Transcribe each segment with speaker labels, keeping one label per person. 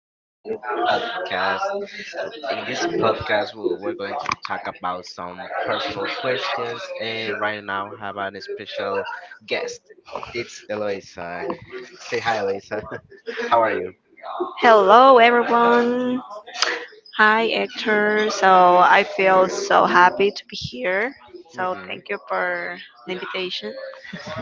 Speaker 1: to a new podcast. In this podcast, we're going to talk about some personal questions, and right now, have an special guest. It's Eloisa. Say hi, Eloisa. How are you?
Speaker 2: Hello, everyone. Hi, Hector. So I feel so happy to be here. So
Speaker 1: Hmm
Speaker 2: thank you for the invitation.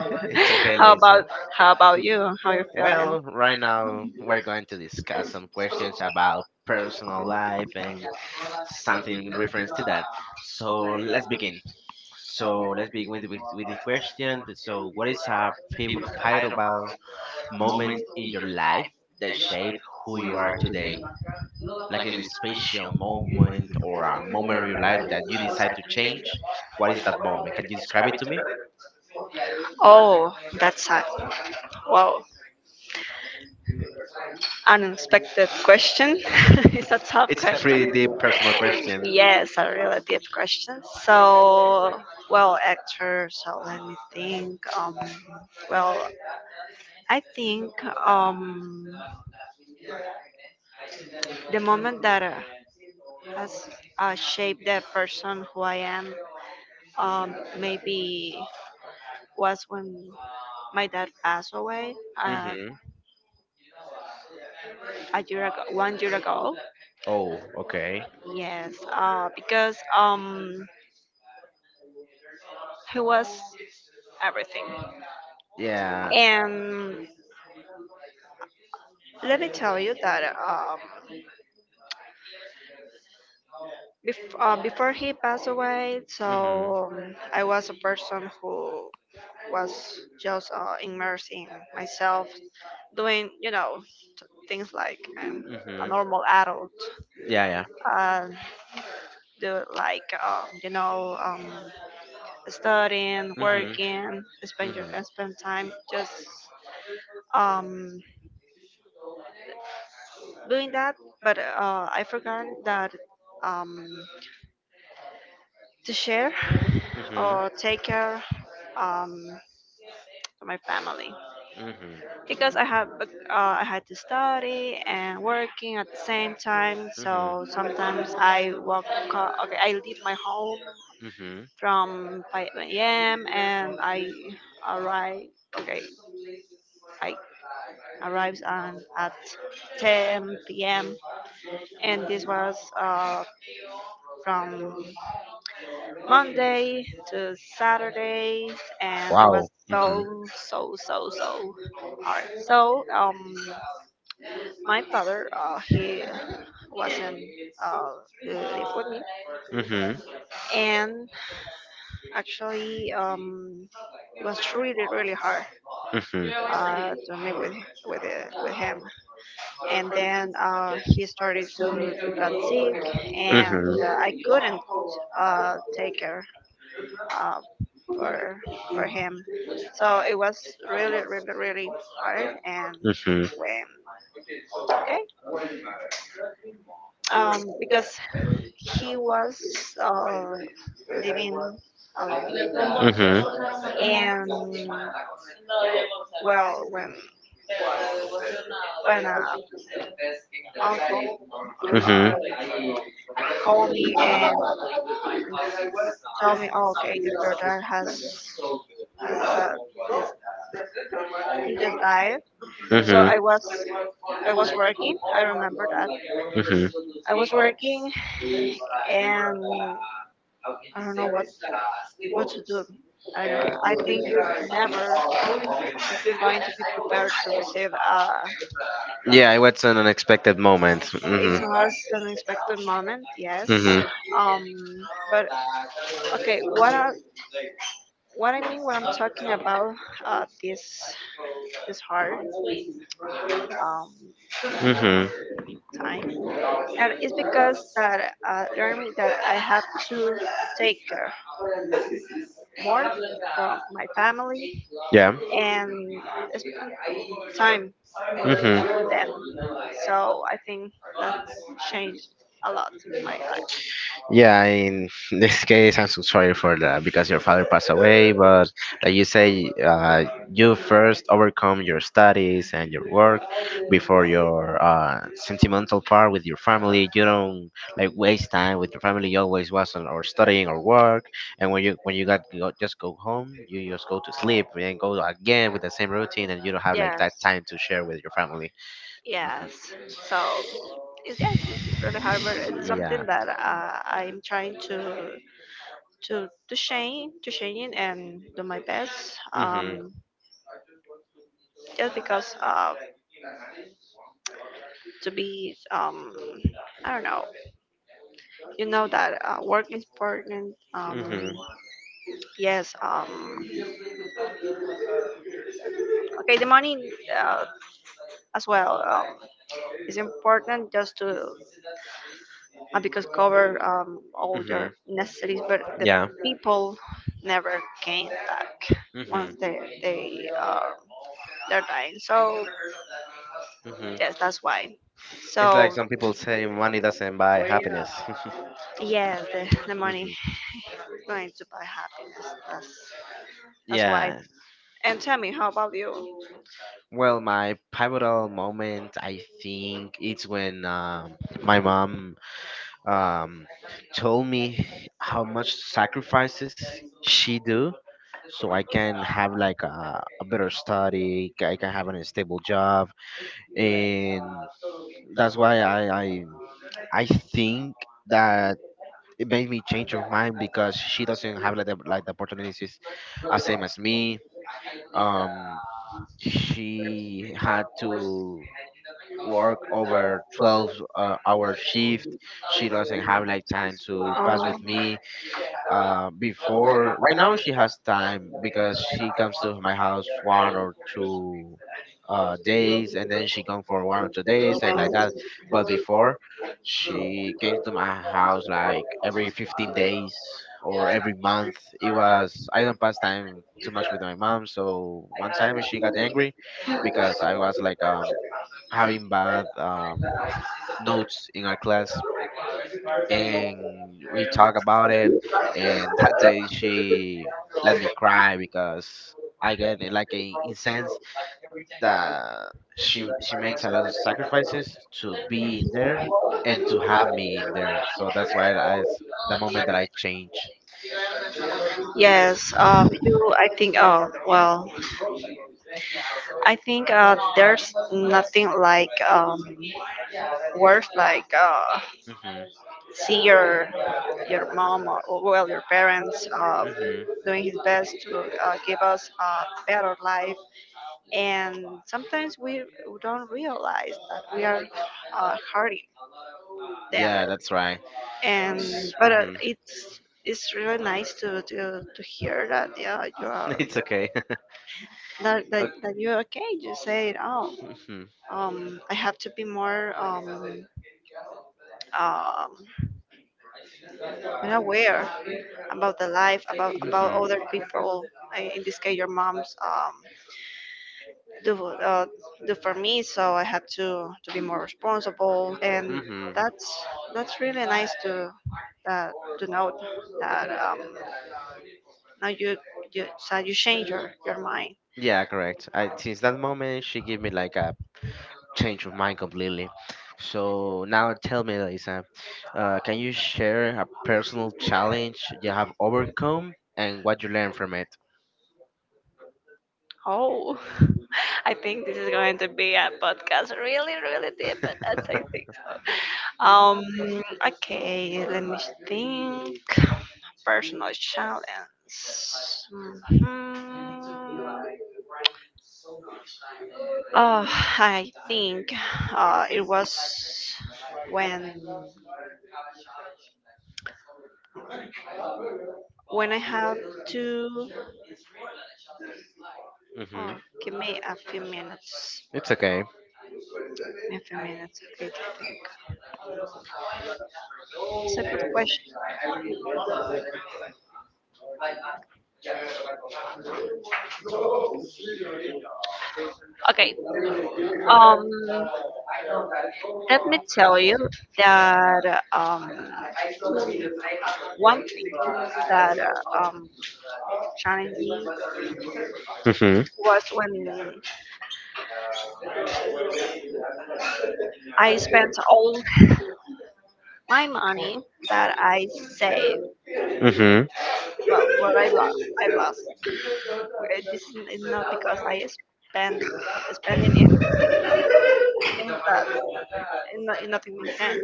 Speaker 1: It's okay,
Speaker 2: How
Speaker 1: Lisa.
Speaker 2: about how about you? How you feeling?
Speaker 1: Well, right now we're going to discuss some questions about personal life and something in reference to that. So let's begin. So let's begin with this question. So, what is a favorable moment in your life that shaped who you are today? Like in a special moment or a moment of your life that you decide to change? What is that moment? Can you describe it to me?
Speaker 2: Oh, that's a wow, unexpected question. It's a tough
Speaker 1: It's a pretty
Speaker 2: question.
Speaker 1: deep personal question.
Speaker 2: Yes, a relative question. So, well, actor. So let me think. Well, I think um, the moment that has shaped the person who I am. Maybe was when my dad passed away uh,
Speaker 1: Mm-hmm.
Speaker 2: a year ago, 1 year ago.
Speaker 1: Oh, okay.
Speaker 2: Yes, because he was everything.
Speaker 1: Yeah.
Speaker 2: And let me tell you that before he passed away,
Speaker 1: Mm-hmm.
Speaker 2: so I was a person who was just immersed in myself, doing things like a
Speaker 1: Mm-hmm.
Speaker 2: normal adult.
Speaker 1: Yeah, yeah.
Speaker 2: um, do like studying,
Speaker 1: Mm-hmm.
Speaker 2: working, spend
Speaker 1: Mm-hmm.
Speaker 2: spend time just um, doing that. But I forgot that um, to share
Speaker 1: Mm-hmm.
Speaker 2: or take care, um, to my family
Speaker 1: Mhm.
Speaker 2: because I had to study and working at the same time. So
Speaker 1: Mhm.
Speaker 2: sometimes I walk. Okay, I leave my home
Speaker 1: Mhm.
Speaker 2: from 5 a.m. and I arrive, okay, I arrived on at 10 p.m. And this was uh, from Monday to Saturday, and it was
Speaker 1: Wow.
Speaker 2: so
Speaker 1: Mhm.
Speaker 2: so hard. So my father, he wasn't, uh, live with me,
Speaker 1: Mhm.
Speaker 2: and actually it was really hard
Speaker 1: Mhm.
Speaker 2: to meet with him, and then he started to got sick, and
Speaker 1: Mhm.
Speaker 2: I couldn't take care uh, for for him. So it was really hard. And
Speaker 1: Mhm. Mhm.
Speaker 2: when, okay, because he was uh, living alone, and well, when uncle uh, called me, and told me, oh, okay, your daughter has is he just died.
Speaker 1: Mhm.
Speaker 2: So
Speaker 1: Mhm.
Speaker 2: I was, I was working. I remember that
Speaker 1: hmm
Speaker 2: I was working, and I don't know what to do. I don't know. I think you're never you're going to be prepared to receive a—
Speaker 1: Yeah, it was an unexpected moment. Hmm
Speaker 2: it's a most unexpected moment. Yes.
Speaker 1: hmm
Speaker 2: Um. But okay. What I mean, what I'm talking about, this this hard um
Speaker 1: hmm
Speaker 2: time, that is because that, learning that I have to take care more for my family
Speaker 1: Yeah.
Speaker 2: and spend time
Speaker 1: hmm
Speaker 2: with them. So I think that changed a lot my life.
Speaker 1: Yeah, in this case, I'm so sorry for that because your father passed away. But like you say, you first overcome your studies and your work before your sentimental part with your family. You don't like waste time with your family. You always was on or studying or work. And when you got go, just go home, you just go to sleep and go again with the same routine, and you don't have like that
Speaker 2: Yes,
Speaker 1: time to share with your family. Hmm
Speaker 2: yes. So it's, yes, it's really hard, but it's
Speaker 1: Yeah.
Speaker 2: something that, I'm trying to change, to change it and do my best.
Speaker 1: hmm
Speaker 2: Just because to be, um, I don't know. You know that work is important.
Speaker 1: hmm
Speaker 2: Yes. Okay, the money, uh, as well, is important just to, because cover, all
Speaker 1: hmm
Speaker 2: your necessities, but the
Speaker 1: Yeah.
Speaker 2: people never gain back once
Speaker 1: hmm
Speaker 2: they are, they're dying. So
Speaker 1: hmm
Speaker 2: yes, that's why. Like
Speaker 1: It's
Speaker 2: so
Speaker 1: like some people say money doesn't buy happiness.
Speaker 2: yes, the money
Speaker 1: hmm
Speaker 2: is going to buy happiness. That's why.
Speaker 1: Yeah.
Speaker 2: And tell me, how about you?
Speaker 1: Well, my pivotal moment, I think, it's when my mom um, told me how much sacrifices she do so I can have like a better study, I can have a stable job, and that's why I think that it made me change of mind because she doesn't have like the opportunities as same as me. Um, she had to work over 12 hour shift, she doesn't have like time to pass
Speaker 2: Oh.
Speaker 1: with me before. Right now she has time because she comes to my house one or two days, and then she come for 1 or 2 days and like that, but before she came to my house like every 15 days or every month. It was I don't pass time too much with my mom, so one time she got angry because I was like
Speaker 2: uh,
Speaker 1: having bad
Speaker 2: um,
Speaker 1: notes in our class, and we talk about it. And that day she let me cry because I get it like a in
Speaker 2: like
Speaker 1: sense that she makes a lot of sacrifices to be in there and to have me in there, so that's why
Speaker 2: so.
Speaker 1: the moment that I change.
Speaker 2: Yes, you, I think, oh, well, I think there's nothing like, worse, like
Speaker 1: Hmm
Speaker 2: see your mom or well, your parents,
Speaker 1: hmm
Speaker 2: doing his best to, give us a better life, and sometimes we don't realize that we are, hurting them.
Speaker 1: Yeah, that's right.
Speaker 2: And but
Speaker 1: mm-hmm.
Speaker 2: it's really nice to hear that yeah, you are
Speaker 1: it's okay
Speaker 2: that, that,
Speaker 1: okay
Speaker 2: that you're okay. You say, oh,
Speaker 1: mhm.
Speaker 2: I have to be more, um, unaware about the life, about
Speaker 1: Mm-hmm.
Speaker 2: other people, in this case your mom's, do, uh, do for me, so I had to be more responsible, and
Speaker 1: Mm-hmm.
Speaker 2: that's that's really nice to, uh, to note that now you so you change your mind.
Speaker 1: Yeah, correct. I, since that moment, she gave me like a change of mind completely. So now tell me, Lisa, can you share a personal challenge you have overcome and what you learned from it?
Speaker 2: Oh. I think this is going to be a podcast really really deep, but I think so. Um, okay, let me think. Personal challenge. Mhm. Oh, I think it was when when I have to.
Speaker 1: mm-hmm.
Speaker 2: Oh, give me a few minutes.
Speaker 1: It's okay.
Speaker 2: A few minutes. Okay, it's a good question. Okay. Um, Let me tell you that one thing that, challenged me
Speaker 1: Mm-hmm.
Speaker 2: was when I spent all my money that I saved.
Speaker 1: Mm-hmm.
Speaker 2: Well, what I lost, I've lost. This is not because I spend spending in things that in, in nothing makes sense.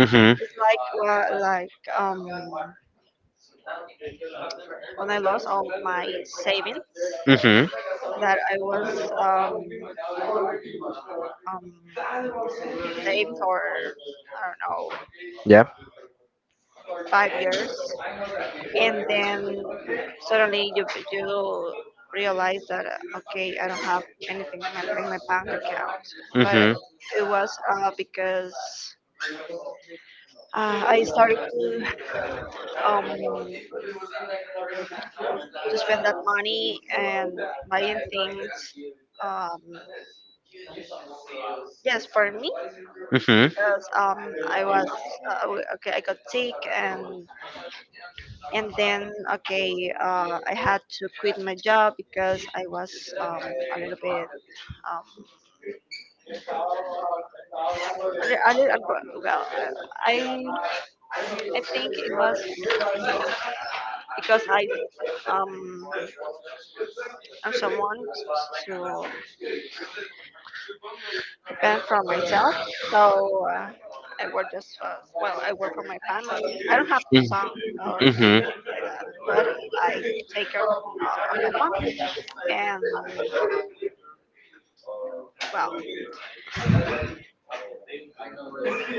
Speaker 2: Mhm. It's like, well, like, um, when I lost all my savings, mhm,
Speaker 1: Mm-hmm.
Speaker 2: that I was, um um saved for, I don't know,
Speaker 1: Yeah.
Speaker 2: 5 years, and then suddenly you, you realize that, okay, I don't have anything in my bank account. But
Speaker 1: Mhm.
Speaker 2: it was, because, I started um to spend that money and buying things, um yes, for me,
Speaker 1: Mhm.
Speaker 2: because, um, I was, okay, I got sick, and then okay, I had to quit my job because I was, a little bit, um, a little well, i I think it was because I, um I'm someone to depend from myself. So, uh, I work just for, well, I work for my family. I don't have a
Speaker 1: Mhm.
Speaker 2: son or
Speaker 1: Mhm.
Speaker 2: like that, but I take care, of my mom. And well,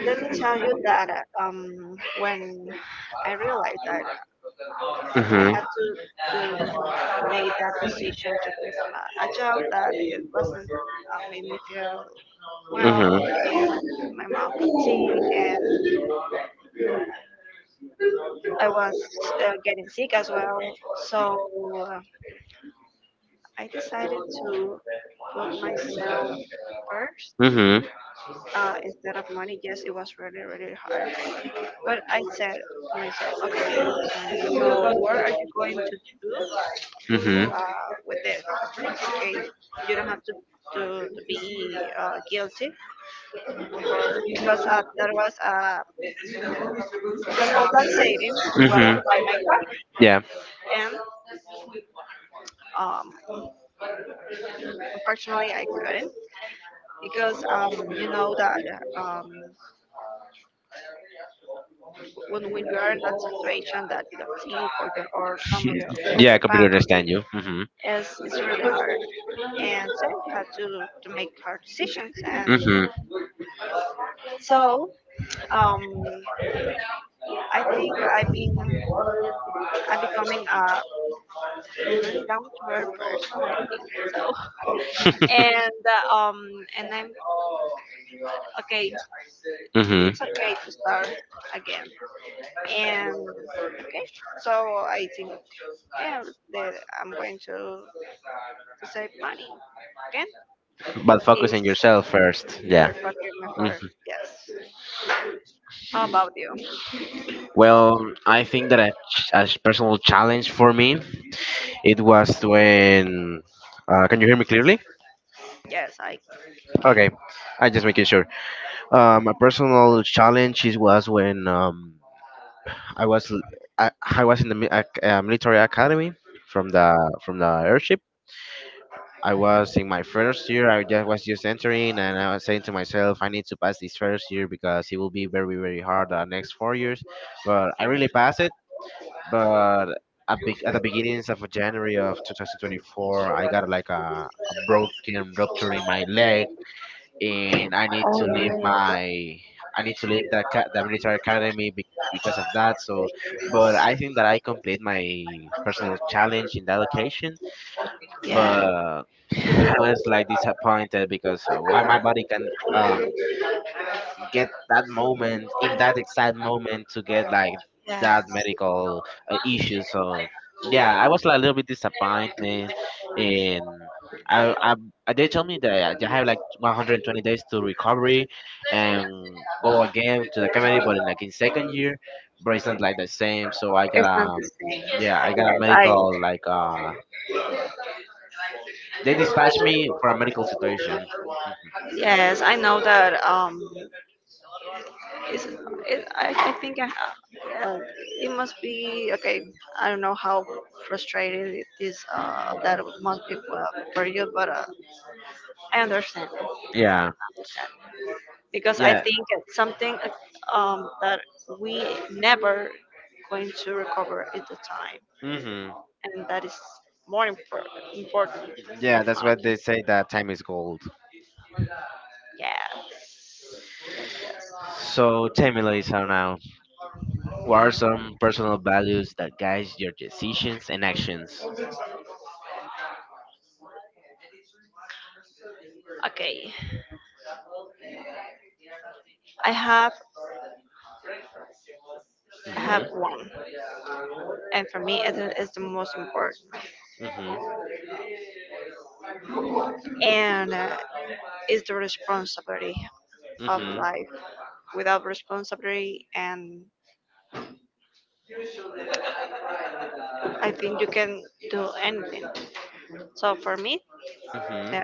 Speaker 2: let me tell you that when I realized that I
Speaker 1: Mhm.
Speaker 2: had to make that decision to quit my, a job that, it wasn't, made me feel
Speaker 1: Mhm.
Speaker 2: well, and my mom got sick, and I was, getting sick as well. So, I decided to put myself first,
Speaker 1: Mhm.
Speaker 2: instead of money. Yes, it was really really hard, but I said to myself, okay, money. So what are you going to do,
Speaker 1: Mhm.
Speaker 2: with this? Okay, you don't have to to, to be, guilty for, because, that was, because all that savings was
Speaker 1: Mhm.
Speaker 2: to buy my car,
Speaker 1: Yeah.
Speaker 2: and, um, unfortunately I couldn't, because, you know that, um, when you are in that situation that you don't think, or your or some of
Speaker 1: Yeah, I
Speaker 2: your
Speaker 1: completely
Speaker 2: family
Speaker 1: understand you. Mhm.
Speaker 2: is, it's really hard, and so you have to make hard decisions, and
Speaker 1: Mhm.
Speaker 2: so, um, I think I've been, I'm becoming a, is really down to earth person, I think so. And, and I'm okay.
Speaker 1: mhm.
Speaker 2: It's okay to start again. And okay, so I think yeah, that I'm going to save money again.
Speaker 1: But focus
Speaker 2: Is
Speaker 1: on yourself first. Yeah.
Speaker 2: perfect for,
Speaker 1: Mhm.
Speaker 2: yes. How about you?
Speaker 1: Well, I think that personal challenge for me it was when. Can you hear me clearly?
Speaker 2: Yes, I.
Speaker 1: Okay, I just making sure. A personal challenge is was when I was l- I was in the military academy from the airship. I was in my first year.
Speaker 2: Oh,
Speaker 1: I just was just entering, and I was saying to myself, I need to pass this first year because it will be very very hard the next 4 years. But I really passed it. But at the beginnings of January of 2024, I got like a broken rupture in my leg, and I need to leave the military academy because of that. So, but I think that I complete my personal challenge in that occasion.
Speaker 2: yeah.
Speaker 1: But I was like disappointed because why my body can get that moment in that exact moment to get like
Speaker 2: Yeah.
Speaker 1: that medical issue. So yeah, I was like a little bit disappointed, and I, I they told me that I have like 120 days to recovery and go again to the comedy, but in like in second year, but it's not like the same, so I got a yeah I got a
Speaker 2: Yes, I.
Speaker 1: medical like they dispatched me for a medical situation.
Speaker 2: Yes, I know that, um, is it, I think I, well, it must be okay. I don't know how frustrated it is, uh,
Speaker 1: Mhm.
Speaker 2: that must be for you, but, I understand.
Speaker 1: yeah
Speaker 2: Because I, yeah,
Speaker 1: yeah
Speaker 2: think it's something, that we never going to recover at the time,
Speaker 1: hmm
Speaker 2: and that is more important,
Speaker 1: Yeah,
Speaker 2: yeah, than
Speaker 1: that's what
Speaker 2: money.
Speaker 1: they say that time is gold.
Speaker 2: Yes, yes, yes.
Speaker 1: So
Speaker 2: So
Speaker 1: tell me, Lisa, now, what
Speaker 2: what
Speaker 1: are some
Speaker 2: are—
Speaker 1: personal values that guide your decisions and actions?
Speaker 2: okay, I have, I
Speaker 1: Mm-hmm.
Speaker 2: have one, and for me, it's the most important,
Speaker 1: Mm-hmm.
Speaker 2: and, it's the responsibility of, mhm,
Speaker 1: Mm-hmm.
Speaker 2: life. Without responsibility, and I think you can do anything. So for me,
Speaker 1: Mm-hmm.
Speaker 2: uh,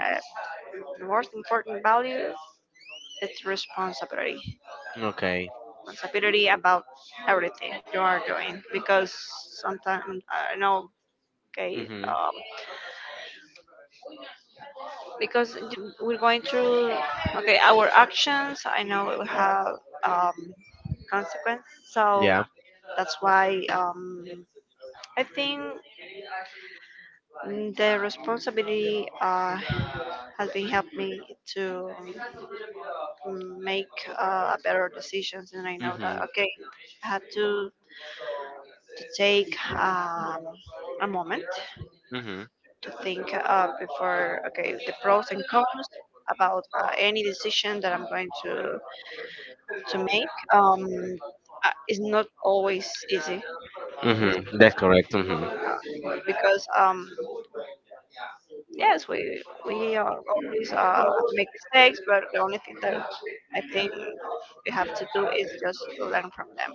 Speaker 2: the most important value is responsibility.
Speaker 1: Okay.
Speaker 2: Responsibility about everything you are doing, because sometimes I know. Okay,
Speaker 1: Mm-hmm.
Speaker 2: because we're going through, okay, our actions. I know it will have, um, consequence, so,
Speaker 1: Yeah.
Speaker 2: yeah, that's why, I think, mm, the responsibility, has been helped me to, make, better decisions, and I know that
Speaker 1: Mm-hmm.
Speaker 2: okay, I have to take, a moment
Speaker 1: Mm-hmm.
Speaker 2: to think, before okay the pros and cons about, any decision that I'm going to make. It's not always easy, mhm,
Speaker 1: Mm-hmm. That's correct. Mm-hmm.
Speaker 2: because, yes we are always, make mistakes, but the only thing that I think we have to do is just to learn from them.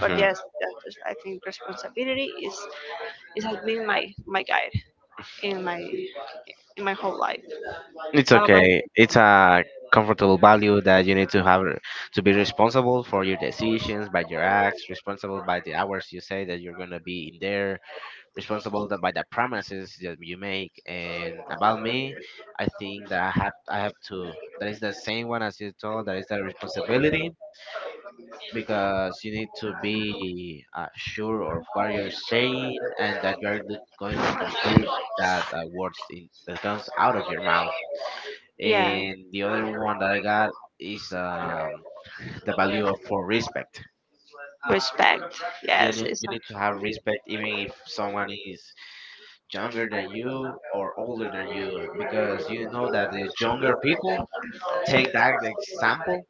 Speaker 2: But yes, that is, I think responsibility is, it has been my, my guide in my, in my whole life. His
Speaker 1: It's okay.
Speaker 2: responsibilities.
Speaker 1: It's a comfortable value that you need to have to be responsible for your decisions, by your acts, responsible by the hours you say that you're gonna be in there, responsible that by the promises that you make. And about me, I think that I have to. That is the same one as you told. That is the responsibility because you need to be sure of what you're saying and that you are going to complete that words in, that comes out of your mouth.
Speaker 2: Yeah.
Speaker 1: And the other one that I got is the value of for respect.
Speaker 2: Respect.
Speaker 1: Yeah, you
Speaker 2: Yes.
Speaker 1: need,
Speaker 2: It's,
Speaker 1: you need to have respect even if someone is younger than you or older than you, because you know that the younger people take that example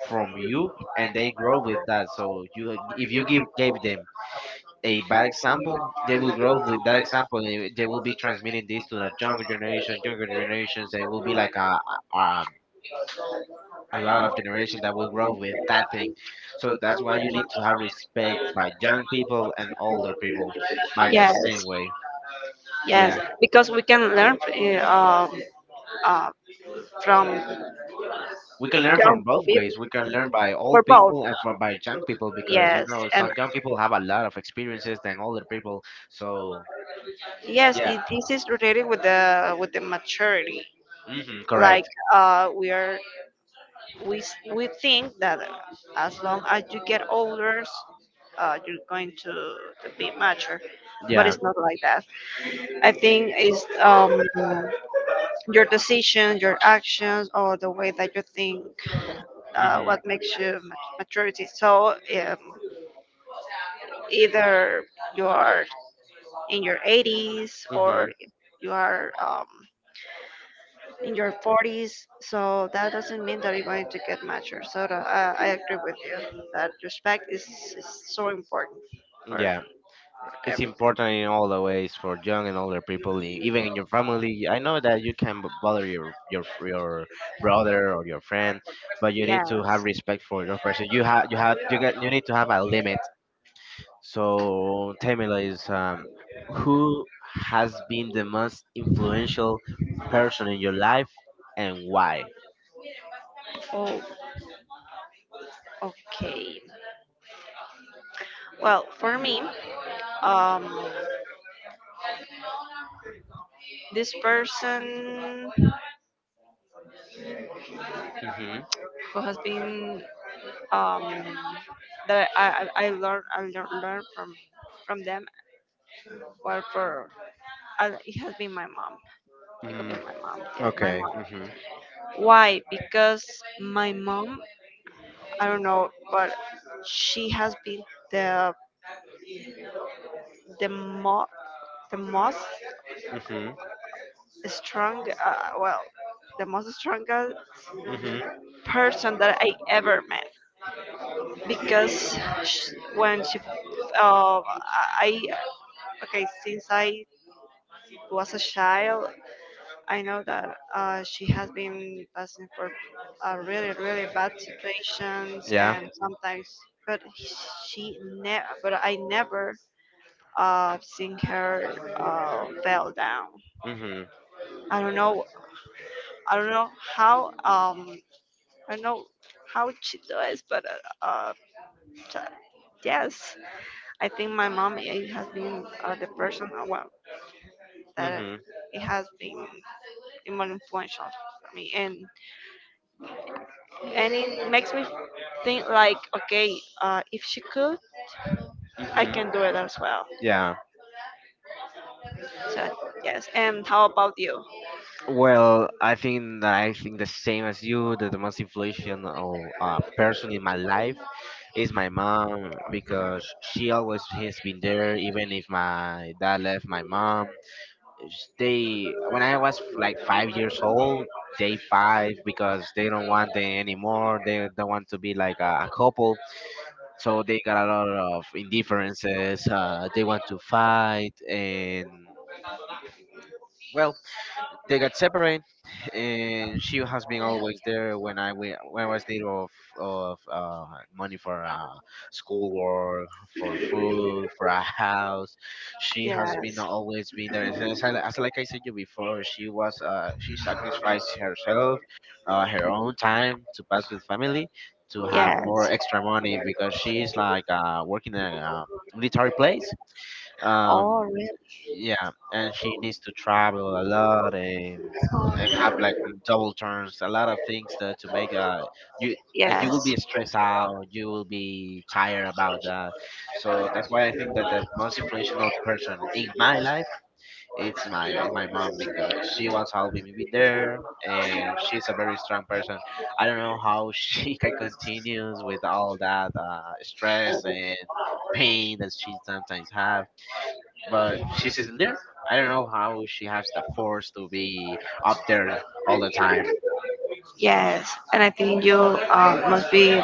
Speaker 1: from you and they grow with that. So you, if you give gave them a bad example, they will grow with that example. And they will be transmitting this to the younger generation, younger generations. They will be
Speaker 2: like
Speaker 1: like a, a, um, a lot of generation that will grow with that thing. So that's why you need to have respect by
Speaker 2: like
Speaker 1: young people and older people by the
Speaker 2: yes,
Speaker 1: same way.
Speaker 2: yes,
Speaker 1: Yeah.
Speaker 2: because we can learn, um, uh, from,
Speaker 1: We
Speaker 2: we
Speaker 1: can
Speaker 2: can learn
Speaker 1: learn
Speaker 2: from,
Speaker 1: from both
Speaker 2: we
Speaker 1: ways. We can learn by
Speaker 2: for
Speaker 1: old
Speaker 2: both.
Speaker 1: people and from by young people because you
Speaker 2: Yes,
Speaker 1: know
Speaker 2: and
Speaker 1: some
Speaker 2: so,
Speaker 1: young people have a lot of experiences than older people.
Speaker 2: so,
Speaker 1: So
Speaker 2: yes, yeah.
Speaker 1: yeah,
Speaker 2: It, this is related with the maturity. Hmm.
Speaker 1: hmm
Speaker 2: Like,
Speaker 1: correct.
Speaker 2: we are, we we think that, as long as you get older, you're going to be mature, but
Speaker 1: Yeah,
Speaker 2: it's not like that. I think it's, your decisions, your actions, or the way that you think,
Speaker 1: hmm
Speaker 2: what makes you maturity. So, either you are in your 80s or
Speaker 1: hmm
Speaker 2: you are, in your 40s. So that doesn't mean that you're going to get mature. So, I agree with you that respect is so important for,
Speaker 1: yeah.
Speaker 2: for
Speaker 1: It's
Speaker 2: everything.
Speaker 1: important in all the ways for young and older people, even in your family. I know that you can bother your brother or your friend, but you need
Speaker 2: Yeah.
Speaker 1: to have respect for your person. You get you need to have a limit. So tell me, Liz, who has been the most influential person in your life and why?
Speaker 2: Oh, okay. Well, for me, um, this person
Speaker 1: Hmm
Speaker 2: who has been, um, that I learn from them. Well, for I, it has been my mom. It could be
Speaker 1: Mm,
Speaker 2: my mom. Yeah, my
Speaker 1: okay.
Speaker 2: mom.
Speaker 1: hmm
Speaker 2: Why? Because my mom. I don't know, but she has been the the mo the most
Speaker 1: Mhm.
Speaker 2: strong. Uh, well, strongest
Speaker 1: Mhm.
Speaker 2: person that I ever met, because sh when she uh, I okay since I was a child, I know that, she has been passing for, really, really bad situations,
Speaker 1: Yeah.
Speaker 2: and sometimes, but but I never seen her fell down.
Speaker 1: Mhm.
Speaker 2: I don't know, I don't know how, um, I don't know how she does, but t- yes, I think my mom it has been, the person, that
Speaker 1: Mhm.
Speaker 2: it has been more influential for me, and it makes me think like, if she could, I
Speaker 1: Mhm.
Speaker 2: can do it as well.
Speaker 1: Yeah.
Speaker 2: So yes. And how about you?
Speaker 1: Well, I think that I think the same as you. That the most influential person in my
Speaker 2: Yes.
Speaker 1: life is my mom because she always has been there, even if my dad left my mom. They when I
Speaker 2: Yes.
Speaker 1: was like 5 years old, they five because they don't want them anymore. They don't want to be like a couple, so they got a lot of indifferences. They want to fight and. Well, they got separated, and she has been always there when I went, when I was need of money for schoolwork, for food, for a house. She has been always been there. And as like I said you before, she was she sacrificed herself, her own time to pass with family, to have more extra money because she's like working in a military place.
Speaker 2: Oh,
Speaker 1: Um, yeah, and she
Speaker 2: really?
Speaker 1: needs to travel a lot and have like double turns, a lot of things that to make you that
Speaker 2: Yes.
Speaker 1: you will be stressed out, you will be tired about that. So that's why I think that the most influential person in my life it's my mom because she was helping me be there, and she's a very strong person. I don't know how she can continues with all that stress and pain that she sometimes have, but she's still there. I don't know how she has the force to be up there all the time.
Speaker 2: Yes, and I think you, must be,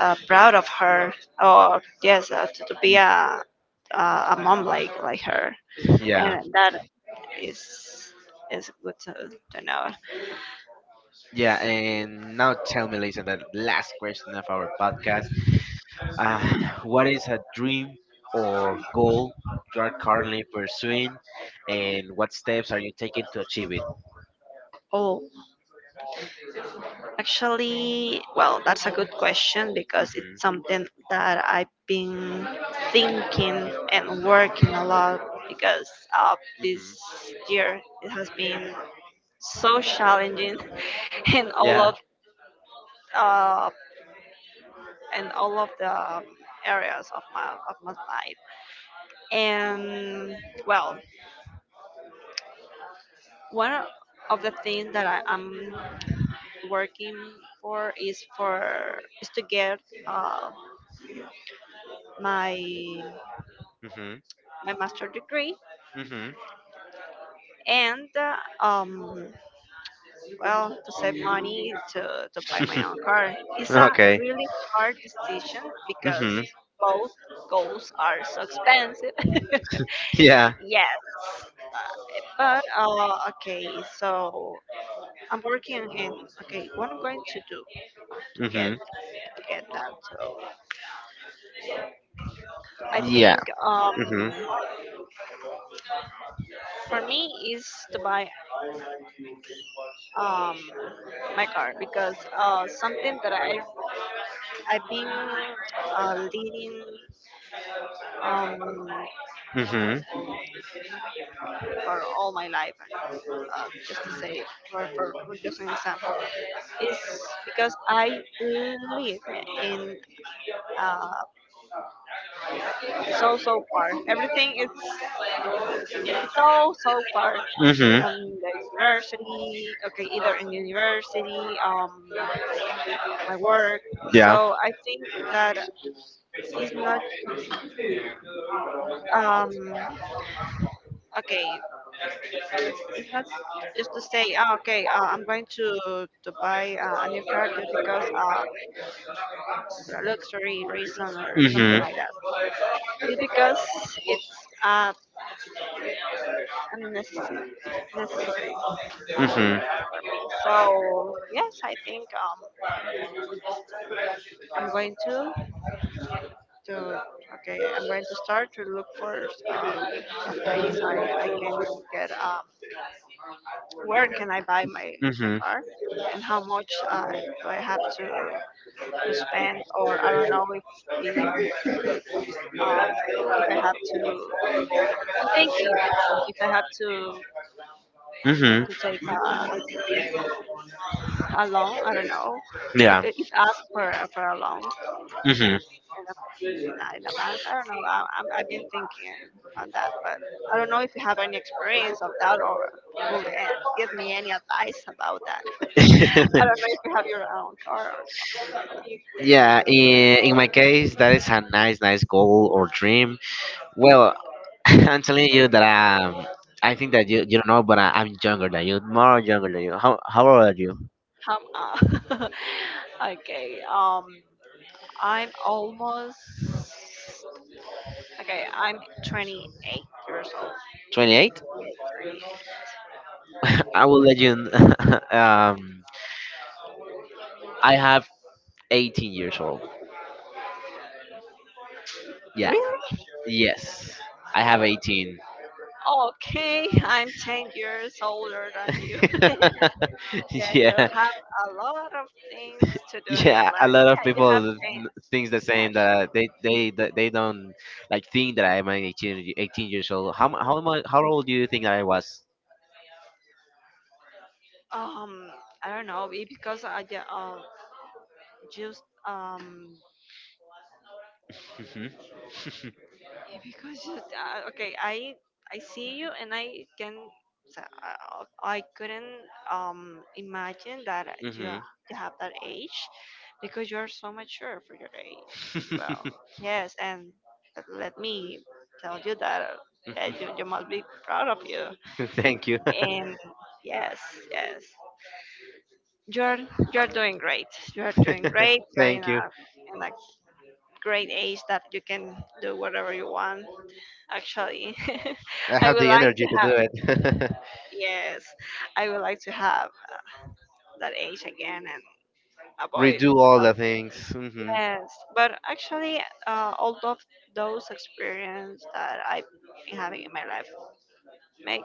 Speaker 2: proud of her, or yes, to be
Speaker 1: Mhm.
Speaker 2: a, a mom like her. Yeah.
Speaker 1: Yeah,
Speaker 2: And that is is good to know.
Speaker 1: yeah. And now tell me, Lisa, the last question of our podcast. Uh,
Speaker 2: um,
Speaker 1: what is a dream or goal you are currently pursuing, and what steps are you taking to achieve it?
Speaker 2: Oh. Actually, well, that's a good question, because it's
Speaker 1: Hmm
Speaker 2: something that I've been thinking and working a lot, because, uh,
Speaker 1: hmm
Speaker 2: this year it has been so challenging in all.
Speaker 1: Yeah.
Speaker 2: Yeah. of uh, in all of the, areas of my life. And well, one of the things that I am working for is to get, uh, my
Speaker 1: hmm
Speaker 2: master degree,
Speaker 1: hmm
Speaker 2: and well, to save money to buy my own car. It's a
Speaker 1: okay.
Speaker 2: really hard decision, because
Speaker 1: hmm
Speaker 2: both goals are so expensive.
Speaker 1: Yeah.
Speaker 2: Yes, but, okay, so I'm working in, okay, what I'm going to do to get,
Speaker 1: hmm
Speaker 2: that. So I
Speaker 1: Yeah.
Speaker 2: think,
Speaker 1: hmm
Speaker 2: for me is to buy, um my car, because, something that I've been, leading, um,
Speaker 1: hmm
Speaker 2: for all my life. Just to say, for just an example, is because I live in, uh, so far. Everything is it's all so far
Speaker 1: hmm
Speaker 2: from the university. Okay, either in university, my work.
Speaker 1: Yeah.
Speaker 2: So I think that it's not um okay. it's not just to say, oh, okay, I'm going to buy, a new car just because, for a luxury reason or something
Speaker 1: hmm
Speaker 2: like that. It's because it's, unnecessary. Necessary.
Speaker 1: Mhm.
Speaker 2: So yes, I think, I'm going to okay. I'm going to start to look for, some place I can get, where can I buy my
Speaker 1: Mhm.
Speaker 2: car, and how much, do I have to spend, or I don't know if Um, if I have to. I'm thinking if I have to
Speaker 1: Mhm.
Speaker 2: to take a loan, I don't know. If
Speaker 1: Yeah.
Speaker 2: it asks for for a loan in a,
Speaker 1: Mhm.
Speaker 2: in a, in a bank, I don't know. I've been thinking on that, but I don't know if you have any experience of that, or could, give me any advice about that. I don't know if you have your own car or something
Speaker 1: yeah. In my case, that is a nice, nice goal or dream. Well, I'm telling you that I think that you don't know, but I, I'm younger than you, more younger than you. How old are you?
Speaker 2: like that. Okay. I'm almost. Okay, I'm 28 years old.
Speaker 1: 28. I will let you. Kn- um, I have 18
Speaker 2: 18.
Speaker 1: years old. Yeah.
Speaker 2: Really? Yes.
Speaker 1: Yes. I have 18.
Speaker 2: Okay, I'm 10 years older than you. Yeah, you
Speaker 1: Yeah.
Speaker 2: have a lot of things to do in your
Speaker 1: Yeah, a
Speaker 2: life.
Speaker 1: lot of
Speaker 2: Yeah, you have
Speaker 1: people
Speaker 2: changed.
Speaker 1: thinks the
Speaker 2: Yes.
Speaker 1: same that they that they don't like think that I'm an 18, 18 years old. How mu- how much How old do you think I was?
Speaker 2: Um, I don't know, because I ju- just um
Speaker 1: hmm
Speaker 2: yeah, because you, okay, I see you, and I couldn't, imagine that you, hmm,
Speaker 1: hmm
Speaker 2: you have that age, because you are so mature for your age as well. Yes, and let me tell you that, you must be proud of you.
Speaker 1: Thank you.
Speaker 2: And yes, yes, you are you are doing great. You are doing great. You are in
Speaker 1: Thank
Speaker 2: a
Speaker 1: you.
Speaker 2: in a great age that you can do whatever you want, actually.
Speaker 1: I have
Speaker 2: would
Speaker 1: the
Speaker 2: like to
Speaker 1: energy to
Speaker 2: have,
Speaker 1: do it.
Speaker 2: Yes, I would like to have that age again and avoid
Speaker 1: Redo all the
Speaker 2: something.
Speaker 1: things.
Speaker 2: Yes, but actually, all of those experience that I've been having in my life make,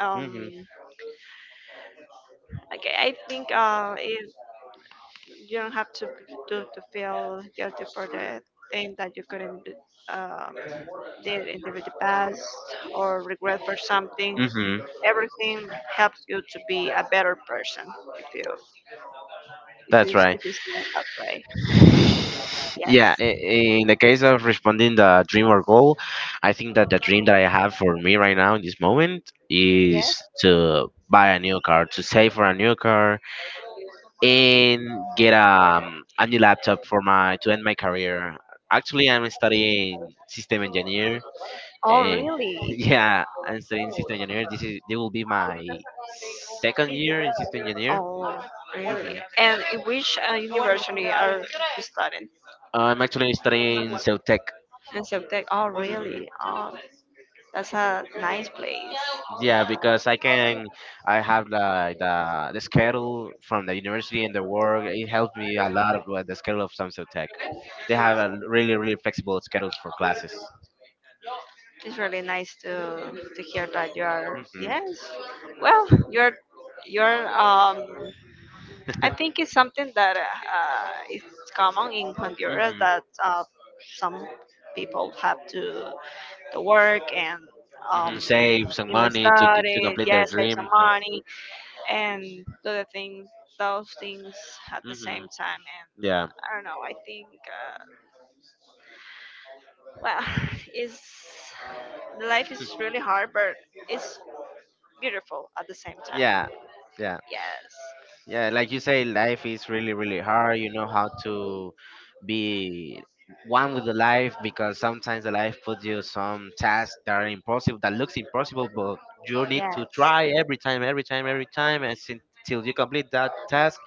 Speaker 2: um
Speaker 1: hmm
Speaker 2: okay I think, is you don't have to feel guilty for the thing that you couldn't, um did in the past, or regret for something.
Speaker 1: hmm
Speaker 2: Everything helps you to be a better person if you,
Speaker 1: that's
Speaker 2: right,
Speaker 1: right.
Speaker 2: if you see it that way.
Speaker 1: Yeah,
Speaker 2: Yes.
Speaker 1: in the case of responding the dream or goal, I think that the dream that I have for me right now in this moment
Speaker 2: Yeah. Yes.
Speaker 1: is to buy a new car, to save for a new car, and get a new laptop for my to end my career. Actually, I'm studying system engineer.
Speaker 2: Oh,
Speaker 1: eh,
Speaker 2: really?
Speaker 1: yeah, I'm studying system engineer. This will be my 2nd year in system engineer.
Speaker 2: Oh,
Speaker 1: Hmm.
Speaker 2: and in which, university are you studying?
Speaker 1: I'm actually studying cell
Speaker 2: In-
Speaker 1: tech.
Speaker 2: in Ceuta. Oh, really? Oh, that's a nice place.
Speaker 1: Yeah,
Speaker 2: Yeah, because
Speaker 1: because I can, I
Speaker 2: I have
Speaker 1: have like the
Speaker 2: the schedule
Speaker 1: schedule
Speaker 2: from
Speaker 1: from the
Speaker 2: the university
Speaker 1: university and
Speaker 2: and
Speaker 1: the
Speaker 2: the
Speaker 1: work.
Speaker 2: world.
Speaker 1: It helped me a lot with the schedule of Samsung Tech. They
Speaker 2: They
Speaker 1: have
Speaker 2: have
Speaker 1: a really, really flexible schedules for classes.
Speaker 2: It's really nice to hear that you are.
Speaker 1: Hmm.
Speaker 2: Yes. Well, you're you're. I think it's something that, is common in Honduras,
Speaker 1: Hmm.
Speaker 2: that, some people have to work and
Speaker 1: Hmm.
Speaker 2: um
Speaker 1: Save some money to to
Speaker 2: study.
Speaker 1: complete their
Speaker 2: Yes, take
Speaker 1: dream.
Speaker 2: some money and do the things those things at the
Speaker 1: Hmm.
Speaker 2: same time, and.
Speaker 1: Yeah,
Speaker 2: I don't know. I think, well, is life is really hard, but it's beautiful at the same
Speaker 1: yeah,
Speaker 2: time.
Speaker 1: yeah.
Speaker 2: Yes.
Speaker 1: Yeah, like you say, life is really, really hard. You know how to be one with the life, because sometimes the life puts you some tasks that are impossible, that looks impossible, but you need to
Speaker 2: Yes.
Speaker 1: try every time, every time, every time, and till you complete that task,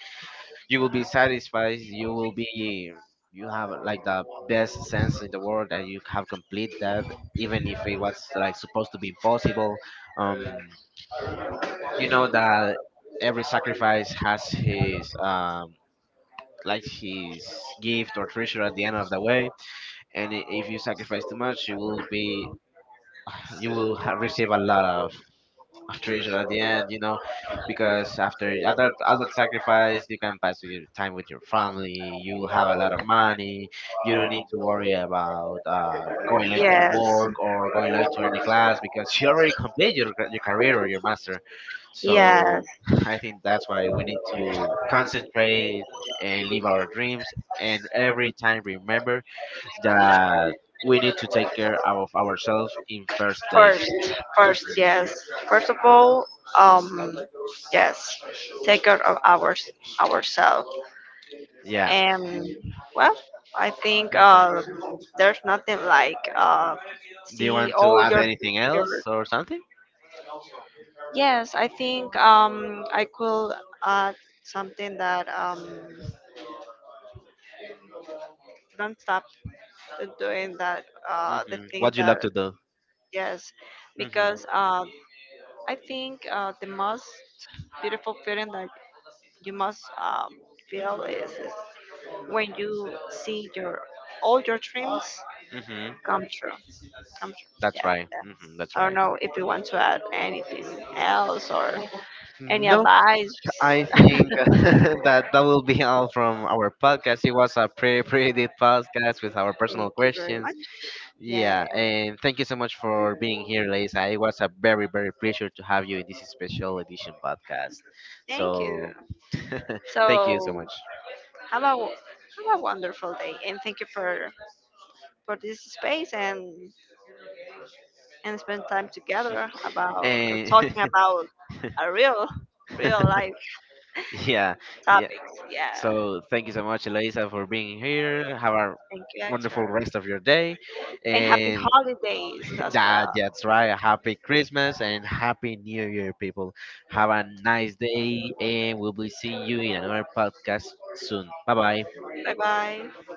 Speaker 1: you will be satisfied. You will be, you have like the best sense in the world that you have complete that, even if it was like supposed to be impossible. Um, you know that every sacrifice has his like his gift or treasure at the end of the way. And if you sacrifice too much, you will be, you will receive a lot of after each at the end, you know, because after a lot sacrifice, you can pass your time with your family. You have a lot of money. You don't need to worry about going late to work or going late to any class because you already complete your your career or your master.
Speaker 2: Yes.
Speaker 1: So
Speaker 2: Yes.
Speaker 1: I think that's why we need to concentrate and live our dreams, and every time remember that we need to take care of ourselves in first
Speaker 2: First,
Speaker 1: place.
Speaker 2: first,
Speaker 1: Mhm.
Speaker 2: yes. First of all, um, yes, take care of, ourselves.
Speaker 1: Yeah.
Speaker 2: And well, I think,
Speaker 1: Mhm.
Speaker 2: there's nothing like,
Speaker 1: Do
Speaker 2: see
Speaker 1: you want to
Speaker 2: all
Speaker 1: add
Speaker 2: your
Speaker 1: anything
Speaker 2: your.
Speaker 1: else or something?
Speaker 2: Yes, I think, I could add something that, don't stop doing that, the
Speaker 1: Hmm.
Speaker 2: thing
Speaker 1: What do you
Speaker 2: that,
Speaker 1: love to do?
Speaker 2: yes,
Speaker 1: Hmm.
Speaker 2: because, I think, the most beautiful feeling that you must, feel is when you see your all your dreams
Speaker 1: Hmm.
Speaker 2: come true.
Speaker 1: That's
Speaker 2: Yeah,
Speaker 1: right. Hmm. That's
Speaker 2: I don't
Speaker 1: right.
Speaker 2: know if you want to add anything else or any
Speaker 1: No,
Speaker 2: advice.
Speaker 1: I think that will be all from our podcast. It was a pretty, pretty deep podcast with our personal
Speaker 2: Thank you very
Speaker 1: questions.
Speaker 2: much. Yeah,
Speaker 1: Yeah, and thank you so much for being here, Lisa. It was a very, very pleasure to have you in this special edition podcast.
Speaker 2: thank you.
Speaker 1: So, thank you so
Speaker 2: So
Speaker 1: much.
Speaker 2: have a have a wonderful day, and thank you for this space and spend time together, about,
Speaker 1: And
Speaker 2: talking about a real, real life
Speaker 1: yeah, yeah.
Speaker 2: topics. Yeah,
Speaker 1: So thank you so much, Elisa, for being here. Have a
Speaker 2: thank you,
Speaker 1: wonderful
Speaker 2: Hector,
Speaker 1: rest of your day,
Speaker 2: and happy
Speaker 1: and
Speaker 2: holidays as
Speaker 1: that's right. A Happy Christmas and Happy New Year, people. Have a nice day,
Speaker 2: well.
Speaker 1: and we'll be seeing you in another podcast soon. Bye bye.
Speaker 2: Bye bye.